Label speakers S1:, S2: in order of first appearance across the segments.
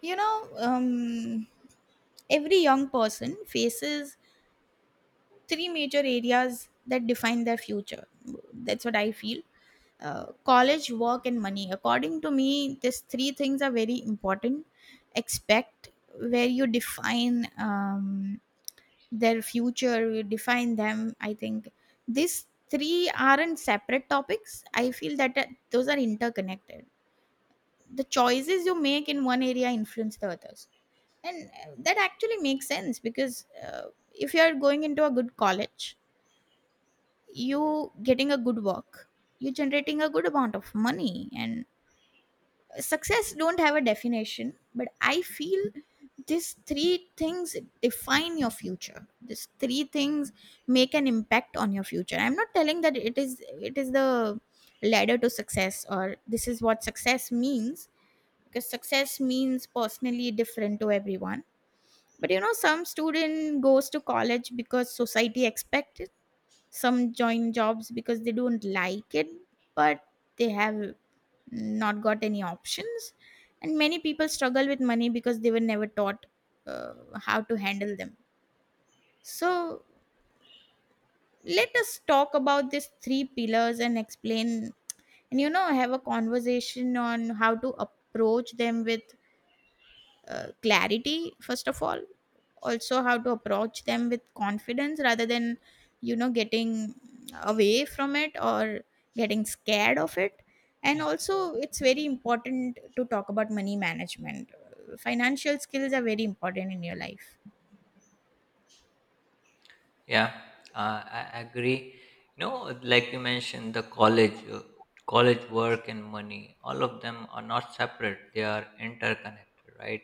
S1: You know, um, every young person faces three major areas that define their future. That's what I feel. College, work, and money. According to me, these three things are very important. Expect where you define their future, you define them. I think these three aren't separate topics. I feel that those are interconnected. The choices you make in one area influence the others, and that actually makes sense because if you are going into a good college, you getting a good work, you generating a good amount of money, and success don't have a definition, but I feel these three things define your future, these three things make an impact on your future. I'm not telling that it is the ladder to success or this is what success means, because success means personally different to everyone. But you know some student goes to college because society expects it, some join jobs because they don't like it, but they have not got any options. And many people struggle with money because they were never taught how to handle them. So let us talk about these three pillars and explain, and have a conversation on how to approach them with clarity first of all. Also how to approach them with confidence rather than getting away from it or getting scared of it. And
S2: Yeah,
S1: also it's very important to talk about money management. Financial skills are very important in your life.
S2: yeah, I agree. You know, like you mentioned, college work and money, all of them are not separate. They are interconnected, right?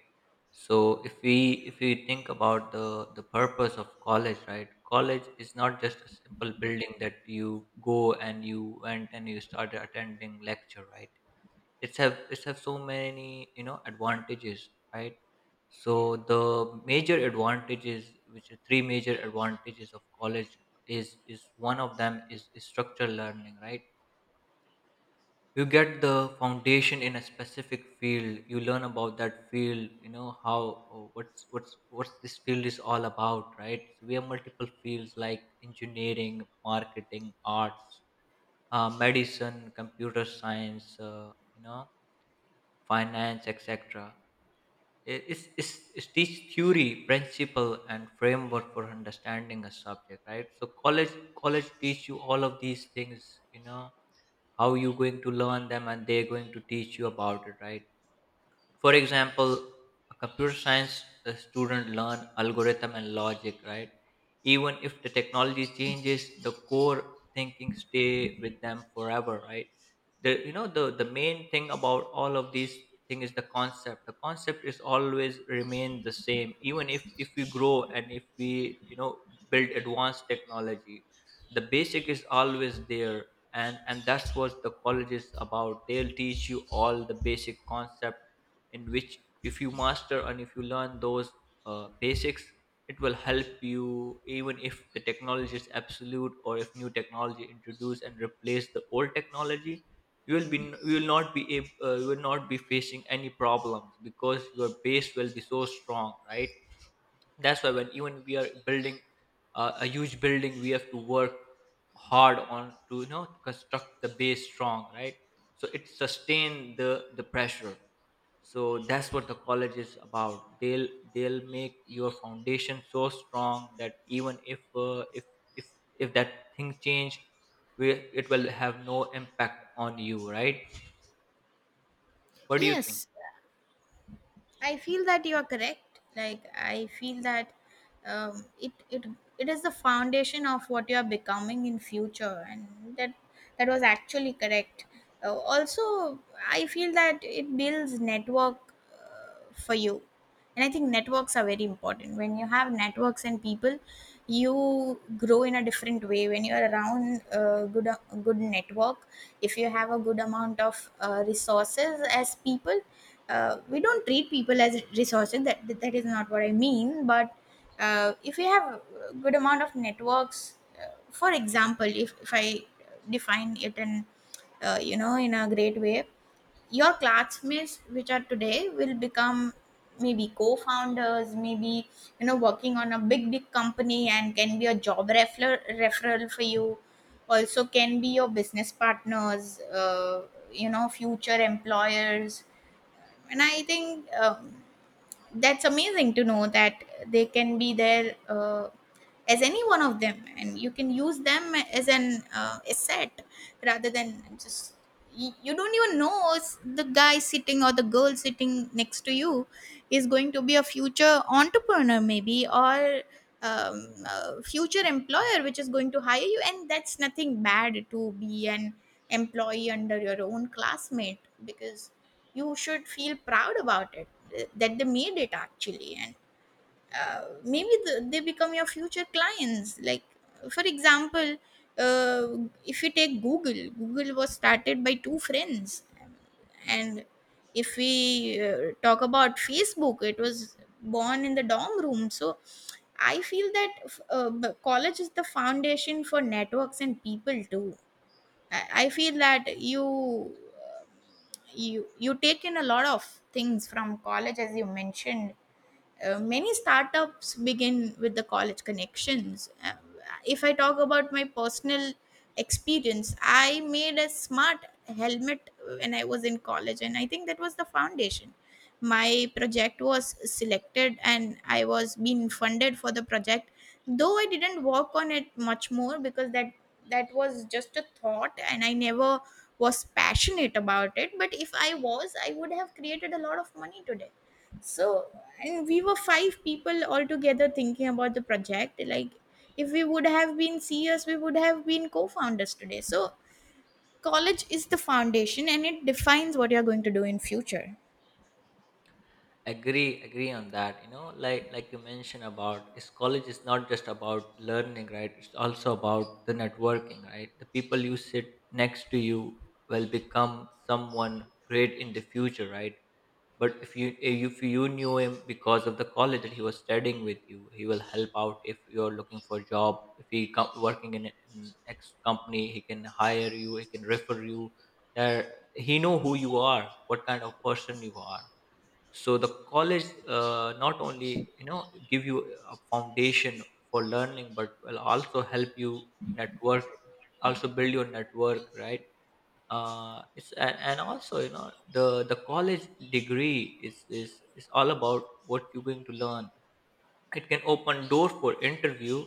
S2: So if we if we think about the purpose of college, right? College is not just a simple building that you go and you went and you started attending lecture, right? It's have so many advantages, right? So the major advantages, which are three major advantages of college, is one of them is structural learning, right? You get the foundation in a specific field. You learn about that field. You know how What's this field is all about, right? So we have multiple fields like engineering, marketing, arts, medicine, computer science, finance, etc. Is teach theory, principle, and framework for understanding a subject, right? So college teach you all of these things, you know, how you going to learn them, and they're going to teach you about it, right? For example, a computer science student learn algorithm and logic, right? Even if the technology changes, the core thinking stay with them forever, right? the you know the main thing about all of these thing is the concept. The concept is always remain the same even if we grow and if we you know build advanced technology. The basic is always there. And that's what the college is about. They'll teach you all the basic concept, in which if you master and if you learn those basics, it will help you even if the technology is absolute or if new technology introduce and replace the old technology. You will be you will not be ab- You will not be facing any problems because your base will be so strong, right? That's why when even we are building a huge building, we have to work hard on to construct the base strong, right? So it sustain the pressure. So that's what the college is about. They'll make your foundation so strong that even if if that thing change, it will have no impact on you, right? What do you think?
S1: Yes, I feel that you are correct. Like I feel that um, it it it is the foundation of what you are becoming in future, and that was actually correct. Also, I feel that it builds network for you, and I think networks are very important. When you have networks and people, you grow in a different way when you are around a good network. If you have a good amount of resources as people, we don't treat people as resources, that is not what I mean. But if you have a good amount of networks, for example, if I define it in in a great way, your classmates which are today will become maybe co-founders, maybe working on a big company and can be a job referral for you. Also can be your business partners, future employers. And I think that's amazing to know that they can be there as any one of them, and you can use them as an asset rather than just you don't even know the guy sitting or the girl sitting next to you is going to be a future entrepreneur maybe, or future employer which is going to hire you. And that's nothing bad to be an employee under your own classmate, because you should feel proud about it, that they made it actually. Maybe they become your future clients, like for example, uh, if you take google, google was started by two friends. And if we talk about facebook, it was born in the dorm room. So I feel that college is the foundation for networks and people too. I feel that you you take in a lot of things from college, as you mentioned. Many startups begin with the college connections. If I talk about my personal experience, I made a smart helmet when I was in college, and I think that was the foundation. My project was selected and I was being funded for the project, though I didn't work on it much more because that was just a thought, and I never was passionate about it. But if I was, I would have created a lot of money today. So, and we were five people all together thinking about the project, like if we would have been ceos, we would have been co-founders today. So college is the foundation and it defines what you're going to do in future.
S2: Agree on that. Like you mentioned about is college is not just about learning, right? It's also about the networking, right? The people you sit next to you will become someone great in the future, right? But if you knew him because of the college that he was studying with you, he will help out. If you're looking for a job, if he working in an ex company, he can hire you, he can refer you. There he know who you are, what kind of person you are. So the college not only give you a foundation for learning but will also help you network, also build your network, right? And also the college degree is all about what you're going to learn. It can open door for interview,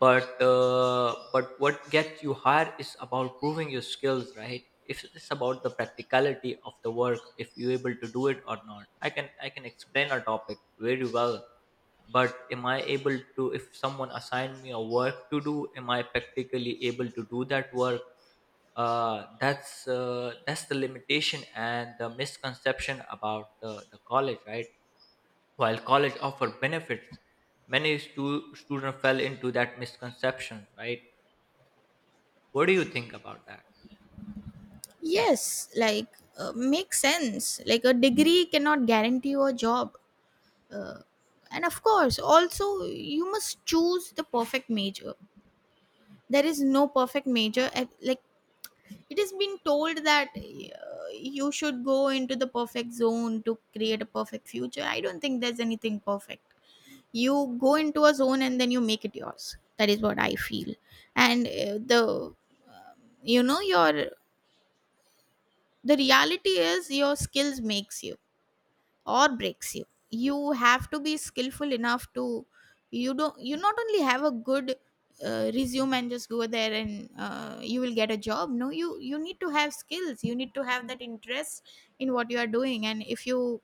S2: but what gets you higher is about proving your skills, right? If it's about the practicality of the work, if you're able to do it or not. I can explain a topic very well, but am I able to if someone assigned me a work to do, am I practically able to do that work? That's the limitation and the misconception about the college, right? While college offer benefits, many students fell into that misconception, right? What do you think about that?
S1: Yes, like, makes sense, like a degree cannot guarantee you a job. uh, and of course also you must choose the perfect major. There is no perfect major. Like it has been told that you should go into the perfect zone to create a perfect future. I don't think there's anything perfect. You go into a zone and then you make it yours, that is what I feel. And the you know your the reality is your skills makes you or breaks you. You have to be skillful enough to, you don't you not only have a good resume and just go there and you will get a job. No, you you need to have skills, you need to have that interest in what you are doing. And if you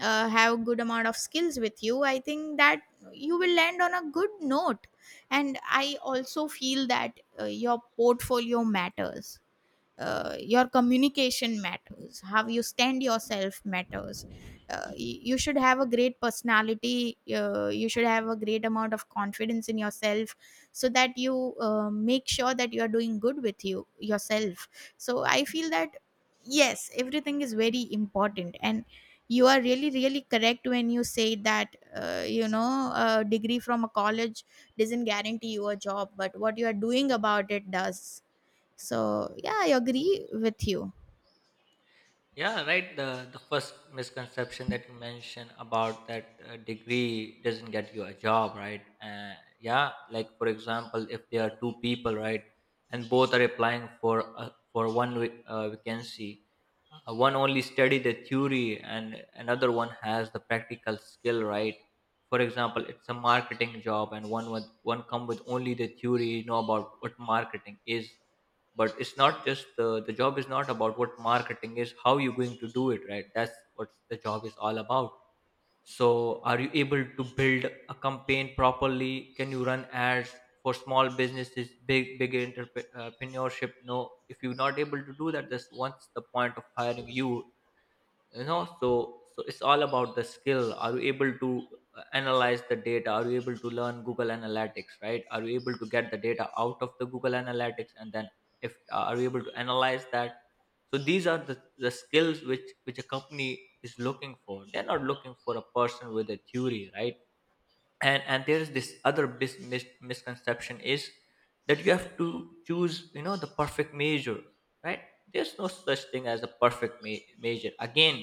S1: have good amount of skills with you, I think that you will land on a good note. And I also feel that your portfolio matters, your communication matters, how you stand yourself matters. You should have a great personality, you should have a great amount of confidence in yourself, so that you make sure that you are doing good with yourself. So I feel that yes, everything is very important. And you are really correct when you say that a degree from a college doesn't guarantee you a job, but what you are doing about it does. So, yeah, I agree with you.
S2: Yeah, right. The first misconception that you mentioned about that degree doesn't get you a job, right? Yeah, like for example, if there are two people, right, and both are applying for one vacancy, one only study the theory and another one has the practical skill, right? For example, it's a marketing job, and one come with only the theory, know about what marketing is. But it's not just the job is not about what marketing is, how you're going to do it, right? That's what the job is all about. So are you able to build a campaign properly? Can you run ads for small businesses, big entrepreneurship? No. If you're not able to do that, that's once the point of hiring you. You know so it's all about the skill. Are you able to analyze the data? Are you able to learn Google Analytics, right? Are you able to get the data out of the Google Analytics, and then if are you able to analyze that? So these are the skills which a company is looking for. They're not looking for a person with a theory, right? And there is this other misconception is that you have to choose the perfect major, right? There's no such thing as a perfect major. Again,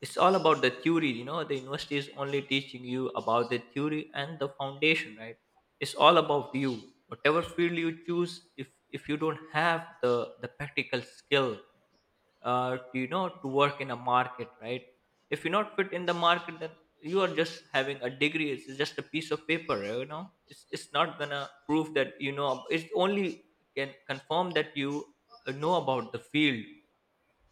S2: it's all about the theory. The university is only teaching you about the theory and the foundation, right? It's all about you. Whatever field you choose, if you don't have the practical skill to work in a market, right? If you're not fit in the market, then you are just having a degree. It's just a piece of paper. It's not gonna prove that it only can confirm that you know about the field.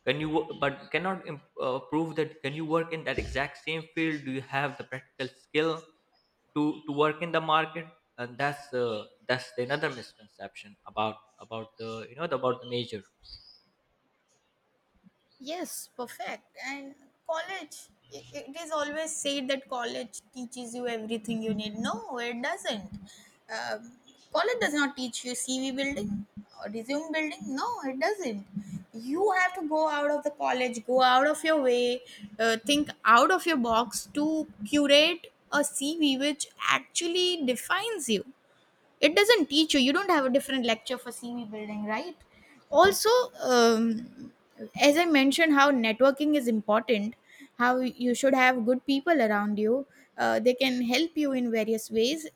S2: But cannot prove that can you work in that exact same field. Do you have the practical skill to work in the market? And that's another misconception about the you know about the major.
S1: Yes, perfect. And college, it is always said that college teaches you everything you need. No, it doesn't. Um, College does not teach you CV building or resume building. No, it doesn't. You have to go out of the college, go out of your way, think out of your box to curate a CV which actually defines you. It doesn't teach you, you don't have a different lecture for cv building, right? Also, um, as I mentioned how networking is important, how you should have good people around you, they can help you in various ways.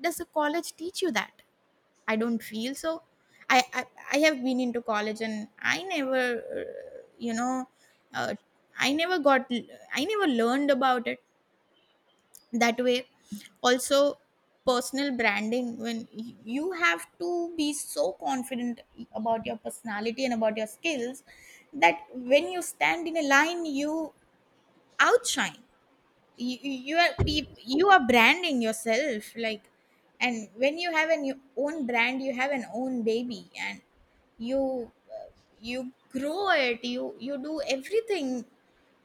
S1: Does the college teach you that? I don't feel so. i i, I have been into college and I never uh, you know uh, I never got I never learned about it that way. Also, personal branding, when you have to be so confident about your personality and about your skills, that when you stand in a line, you outshine. You are you are branding yourself, like, and when you have an own brand, you have an own baby, and you you grow it, you do everything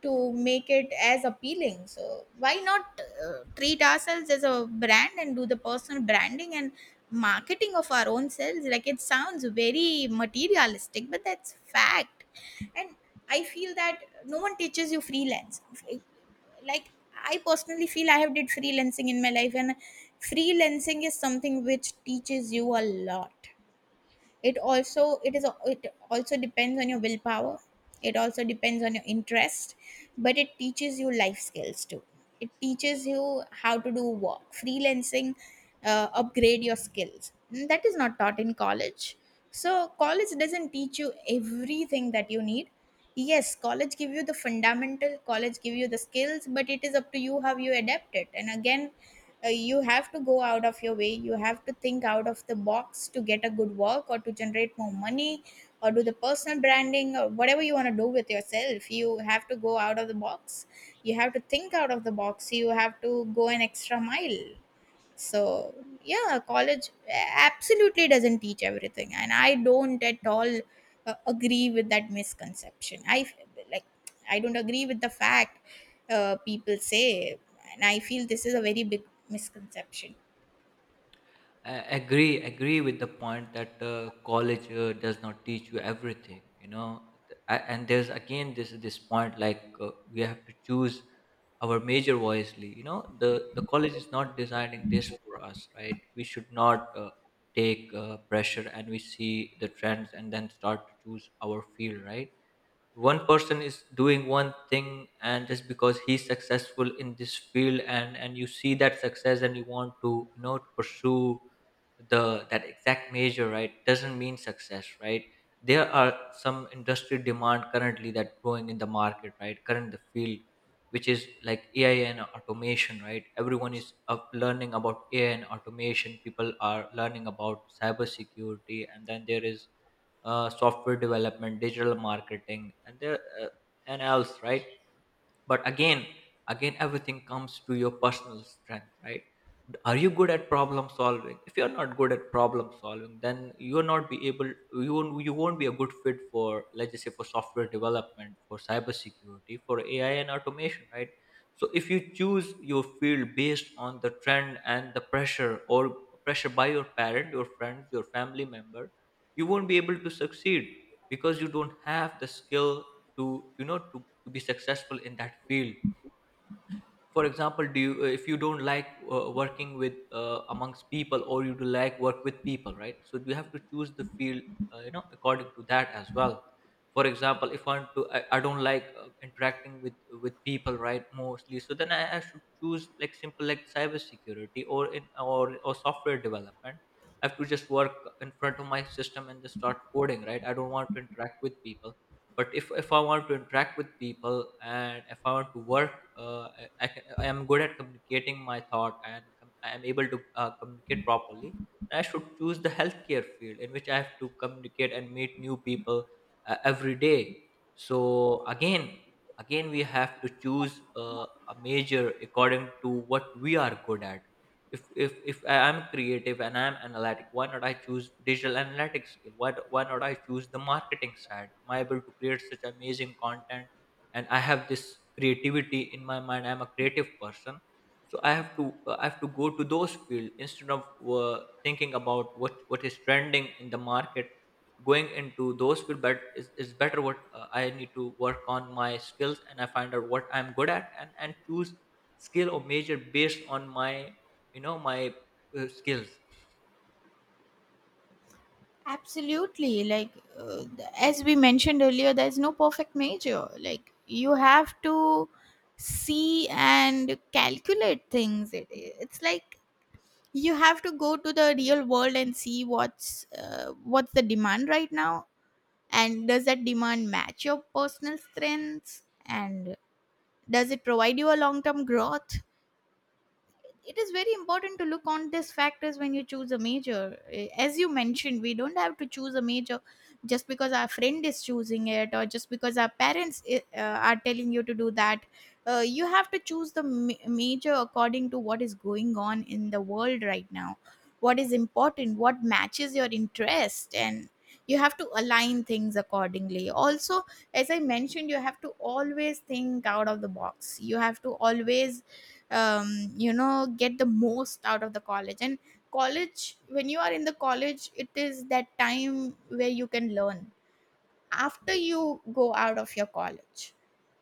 S1: to make it as appealing. So why not treat ourselves as a brand and do the personal branding and marketing of our own selves? Like it sounds very materialistic, but that's fact. And I feel that no one teaches you freelance. Like, I personally feel, I have did freelancing in my life, and freelancing is something which teaches you a lot. it also it is it also depends on your willpower, it also depends on your interest. But it teaches you life skills too. It teaches you how to do work, freelancing, upgrade your skills. Mm, that is not taught in college. So college doesn't teach you everything that you need. Yes, college give you the fundamental, college give you the skills, but it is up to you how you adapt it. And again, you have to go out of your way, you have to think out of the box to get a good work or to generate more money, or do the personal branding or whatever you want to do with yourself. You have to go out of the box, you have to think out of the box, you have to go an extra mile. So yeah, college absolutely doesn't teach everything, and I don't at all agree with that misconception. Like I don't agree with the fact people say, and I feel this is a very big misconception.
S2: I agree with the point that college does not teach you everything. And there's again this point like we have to choose our major wisely. The college is not designing this for us, right? We should not take pressure and we see the trends and then start to choose our field, right? One person is doing one thing, and just because he's successful in this field, and you see that success and you want to you know to pursue the that exact measure, right? Doesn't mean success, right? There are some industry demand currently that growing in the market, right? Current the field, which is like AI and automation, right? Everyone is up learning about AI and automation. People are learning about cybersecurity, and then there is software development, digital marketing, and there and else, right? But again everything comes to your personal strength, right? Are you good at problem solving? If you're not good at problem solving, then you won't be a good fit for, let's just say, for software development, for cybersecurity, for AI and automation, right? So if you choose your field based on the trend and the pressure, or pressure by your parent, your friends, your family member, you won't be able to succeed because you don't have the skill to you know to be successful in that field. For example, do you if you don't like working with amongst people, or you do like work with people, right? So you have to choose the field, according to that as well. For example, if I want to I don't like interacting with people, right, mostly. So then I should choose like simple like cybersecurity, or in or or software development. I have to just work in front of my system and just start coding, right? I don't want to interact with people. But if I want to interact with people and if I want to work, uh, I am good at communicating my thought, I am able to communicate properly. I should choose the healthcare field in which I have to communicate and meet new people every day. So again we have to choose a major according to what we are good at. If I am creative and I am analytic, why not I choose digital analytics skill? Why not I choose the marketing side? Am I able to create such amazing content? And I have this creativity in my mind. I am a creative person, so I have to go to those fields instead of thinking about what is trending in the market. Going into those fields, but is better. What I need to work on my skills and I find out what I'm good at, and choose skill or major based on my my skills.
S1: Absolutely. Like, uh, as we mentioned earlier, there's no perfect major. Like, you have to see and calculate things. It's like you have to go to the real world and see what's the demand right now, and does that demand match your personal strengths, and does it provide you a long term growth? It is very important to look on these factors when you choose a major. As you mentioned, we don't have to choose a major just because our friend is choosing it, or just because our parents are telling you to do that. You have to choose the major according to what is going on in the world right now, what is important, what matches your interest, and you have to align things accordingly. Also, as I mentioned, you have to always think out of the box. You have to always get the most out of the college. And college when you are in the college, it is that time where you can learn. After you go out of your college,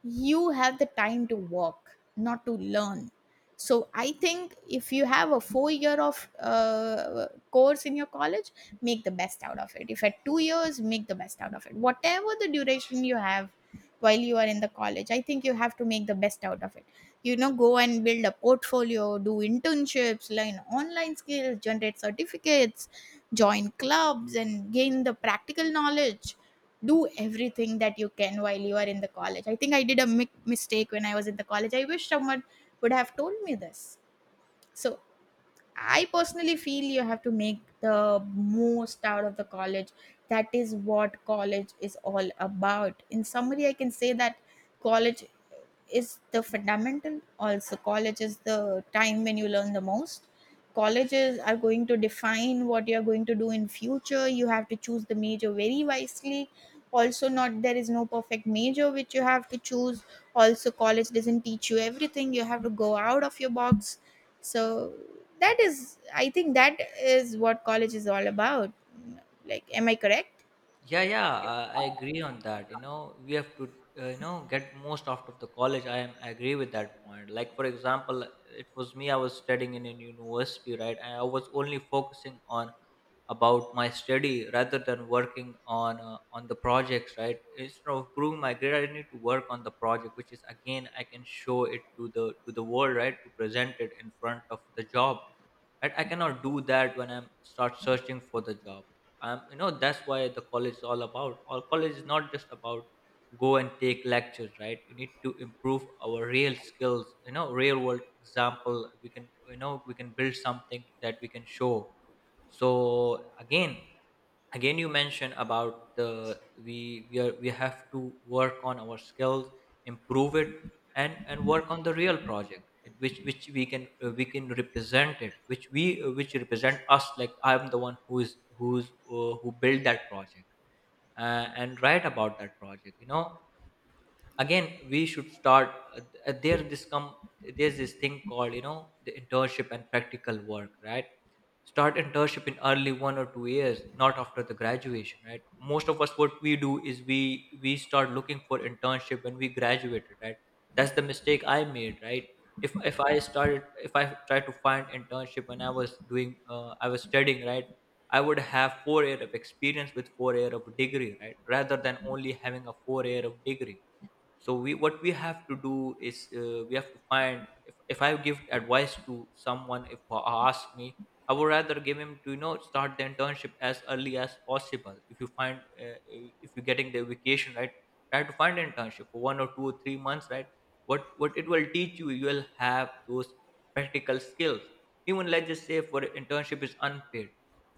S1: you have the time to work, not to learn. So I think if you have a 4 year of course in your college, make the best out of it. If at 2 years, make the best out of it. Whatever the duration you have, while you are in the college, I think you have to make the best out of it. You know, go and build a portfolio, do internships, learn online skills, generate certificates, join clubs, and gain the practical knowledge. Do everything that you can while you are in the college. I think I did a mistake when I was in the college. I wish someone would have told me this. So I personally feel you have to make the most out of the college. That is what college is all about. In summary, I can say that college is the fundamental. Also, college is the time when you learn the most. Colleges are going to define what you are going to do in future. You have to choose the major very wisely. Also, not there is no perfect major which you have to choose. Also, college doesn't teach you everything. You have to go out of your box. So that is, I think, that is what college is all about. Like, am I correct?
S2: Yeah, yeah, I agree on that. We have to, get most out of the college. I agree with that point. Like, for example, it was me. I was studying in a university, right? And I was only focusing on about my study rather than working on the projects, right? Instead of proving my grade, I need to work on the project which is, again, I can show it to the world, right? To present it in front of the job, right? I cannot do that when I'm start searching for the job. That's why the college is all about. All college is not just about go and take lectures, right? You need to improve our real skills. You know, real world example, we can, we can build something that we can show. So again, you mentioned about the we have to work on our skills, improve it, and work on the real project in which we can, we can represent it, which we, which represent us. Like, I'm the one who is who built that project, and write about that project. Again, we should start, uh, uh, there this come there's this thing called, the internship and practical work, right? Start internship in early 1 or 2 years, not after the graduation, right? Most of us, what we do is we start looking for internship when we graduated, right? That's the mistake I made, right? If I tried to find internship when I was doing, I was studying, right, I would have 4 years of experience with 4 years of degree, right, rather than only having a 4 years of degree. So we, what we have to do is, we have to find, if I give advice to someone, if he asks me, I would rather give him to, start the internship as early as possible. If you find if you're getting the vacation, right, try to find an internship for 1 or 2 or 3 months, right? What it will teach you, you will have those practical skills. Even, let's just say for internship is unpaid,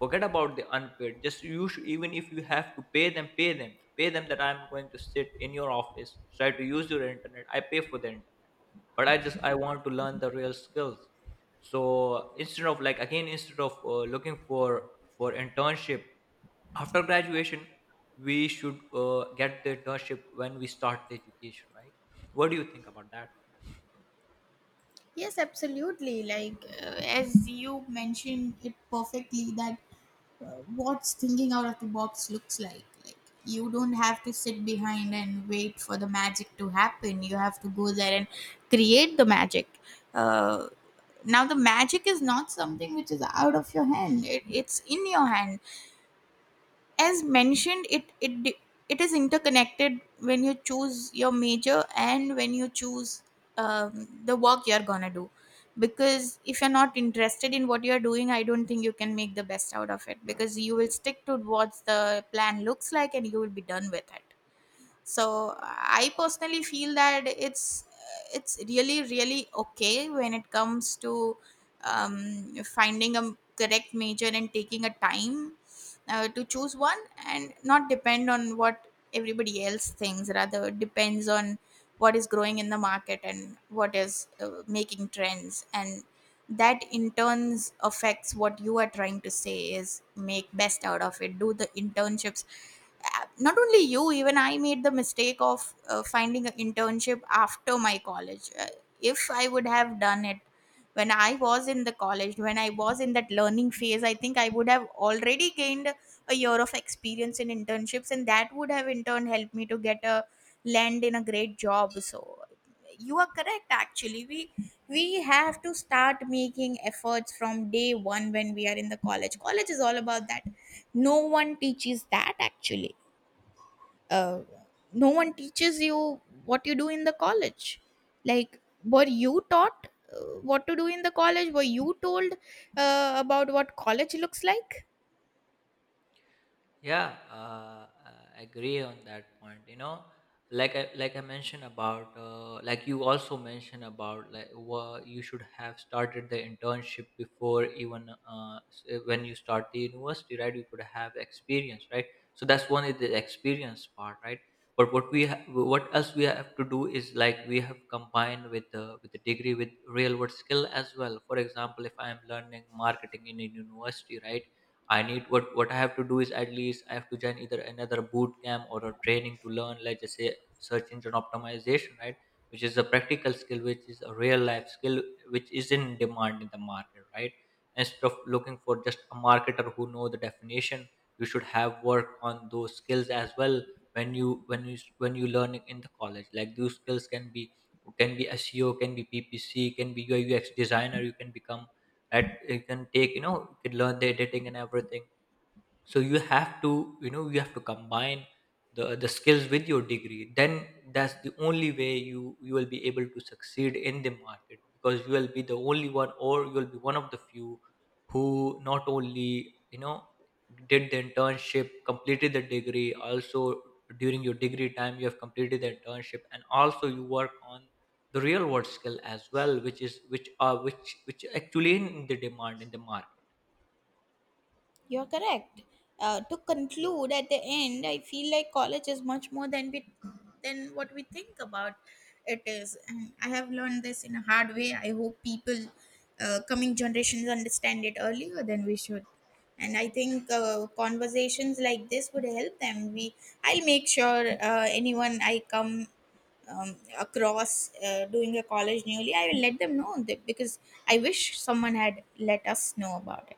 S2: forget about the unpaid. Just you should, even if you have to pay them, pay them, pay them, that I'm going to sit in your office, try to use your internet. I pay for the internet, but I just I want to learn the real skills. So instead of, like, again, instead of looking for internship after graduation, we should get the internship when we start the education, right? What do you think about that?
S1: Yes, absolutely. Like, as you mentioned it perfectly, that uh, what's thinking out of the box looks like. Like, you don't have to sit behind and wait for the magic to happen. You have to go there and create the magic. Uh, Now, the magic is not something which is out of your hand. It's in your hand. As mentioned, it is interconnected when you choose your major and when you choose the work you're gonna do. Because if you're not interested in what you're doing, I don't think you can make the best out of it, because you will stick to what the plan looks like and you will be done with it. So I personally feel that it's really really okay when it comes to finding a correct major and taking a time to choose one, and not depend on what everybody else thinks, rather depends on what is growing in the market and what is making trends. And that in turns affects what you are trying to say is make best out of it, do the internships. Not only you, even I made the mistake of finding an internship after my college. If I would have done it when I was in the college, when I was in that learning phase, I think I would have already gained a year of experience in internships, and that would have in turn helped me to get a land in a great job. So you are correct. Actually, we have to start making efforts from day 1 when we are in the college. College is all about that. No one teaches that, actually. uh, no one teaches you what you do in the college. Like, were you taught what to do in the college? Were you told about what college looks like?
S2: Yeah, I agree on that point. You know, like I mentioned about, like you also mentioned about, like you should have started the internship before even, when you start the university, right? You could have experience, right? So that's one is the experience part, right? But what what else we have to do is, like, we have combined with the degree with real world skill as well. For example, if I am learning marketing in a university, right? I need, what I have to do is at least I have to join either another boot camp or a training to learn, let's just say, search engine optimization, right? Which is a practical skill, which is a real life skill, which is in demand in the market, right? Instead of looking for just a marketer who know the definition, you should have work on those skills as well when you when you learn in the college. Like, those skills can be SEO, can be PPC, can be UI UX designer. You can become at you can take, you can learn the editing and everything. So you have to, you have to combine the skills with your degree. Then that's the only way you will be able to succeed in the market, because you will be the only one, or you will be one of the few who not only, you know did the internship, completed the degree. Also during your degree time, you have completed the internship, and also you work on the real world skill as well, which is which are which actually in the demand in the market.
S1: You're correct. To conclude, at the end, I feel like college is much more than we than what we think about it is. And I have learned this in a hard way. I hope people, coming generations, understand it earlier than we should. And I think conversations like this would help them. I'll make sure anyone I come across doing a college newly, I will let them know, that because I wish someone had let us know about it.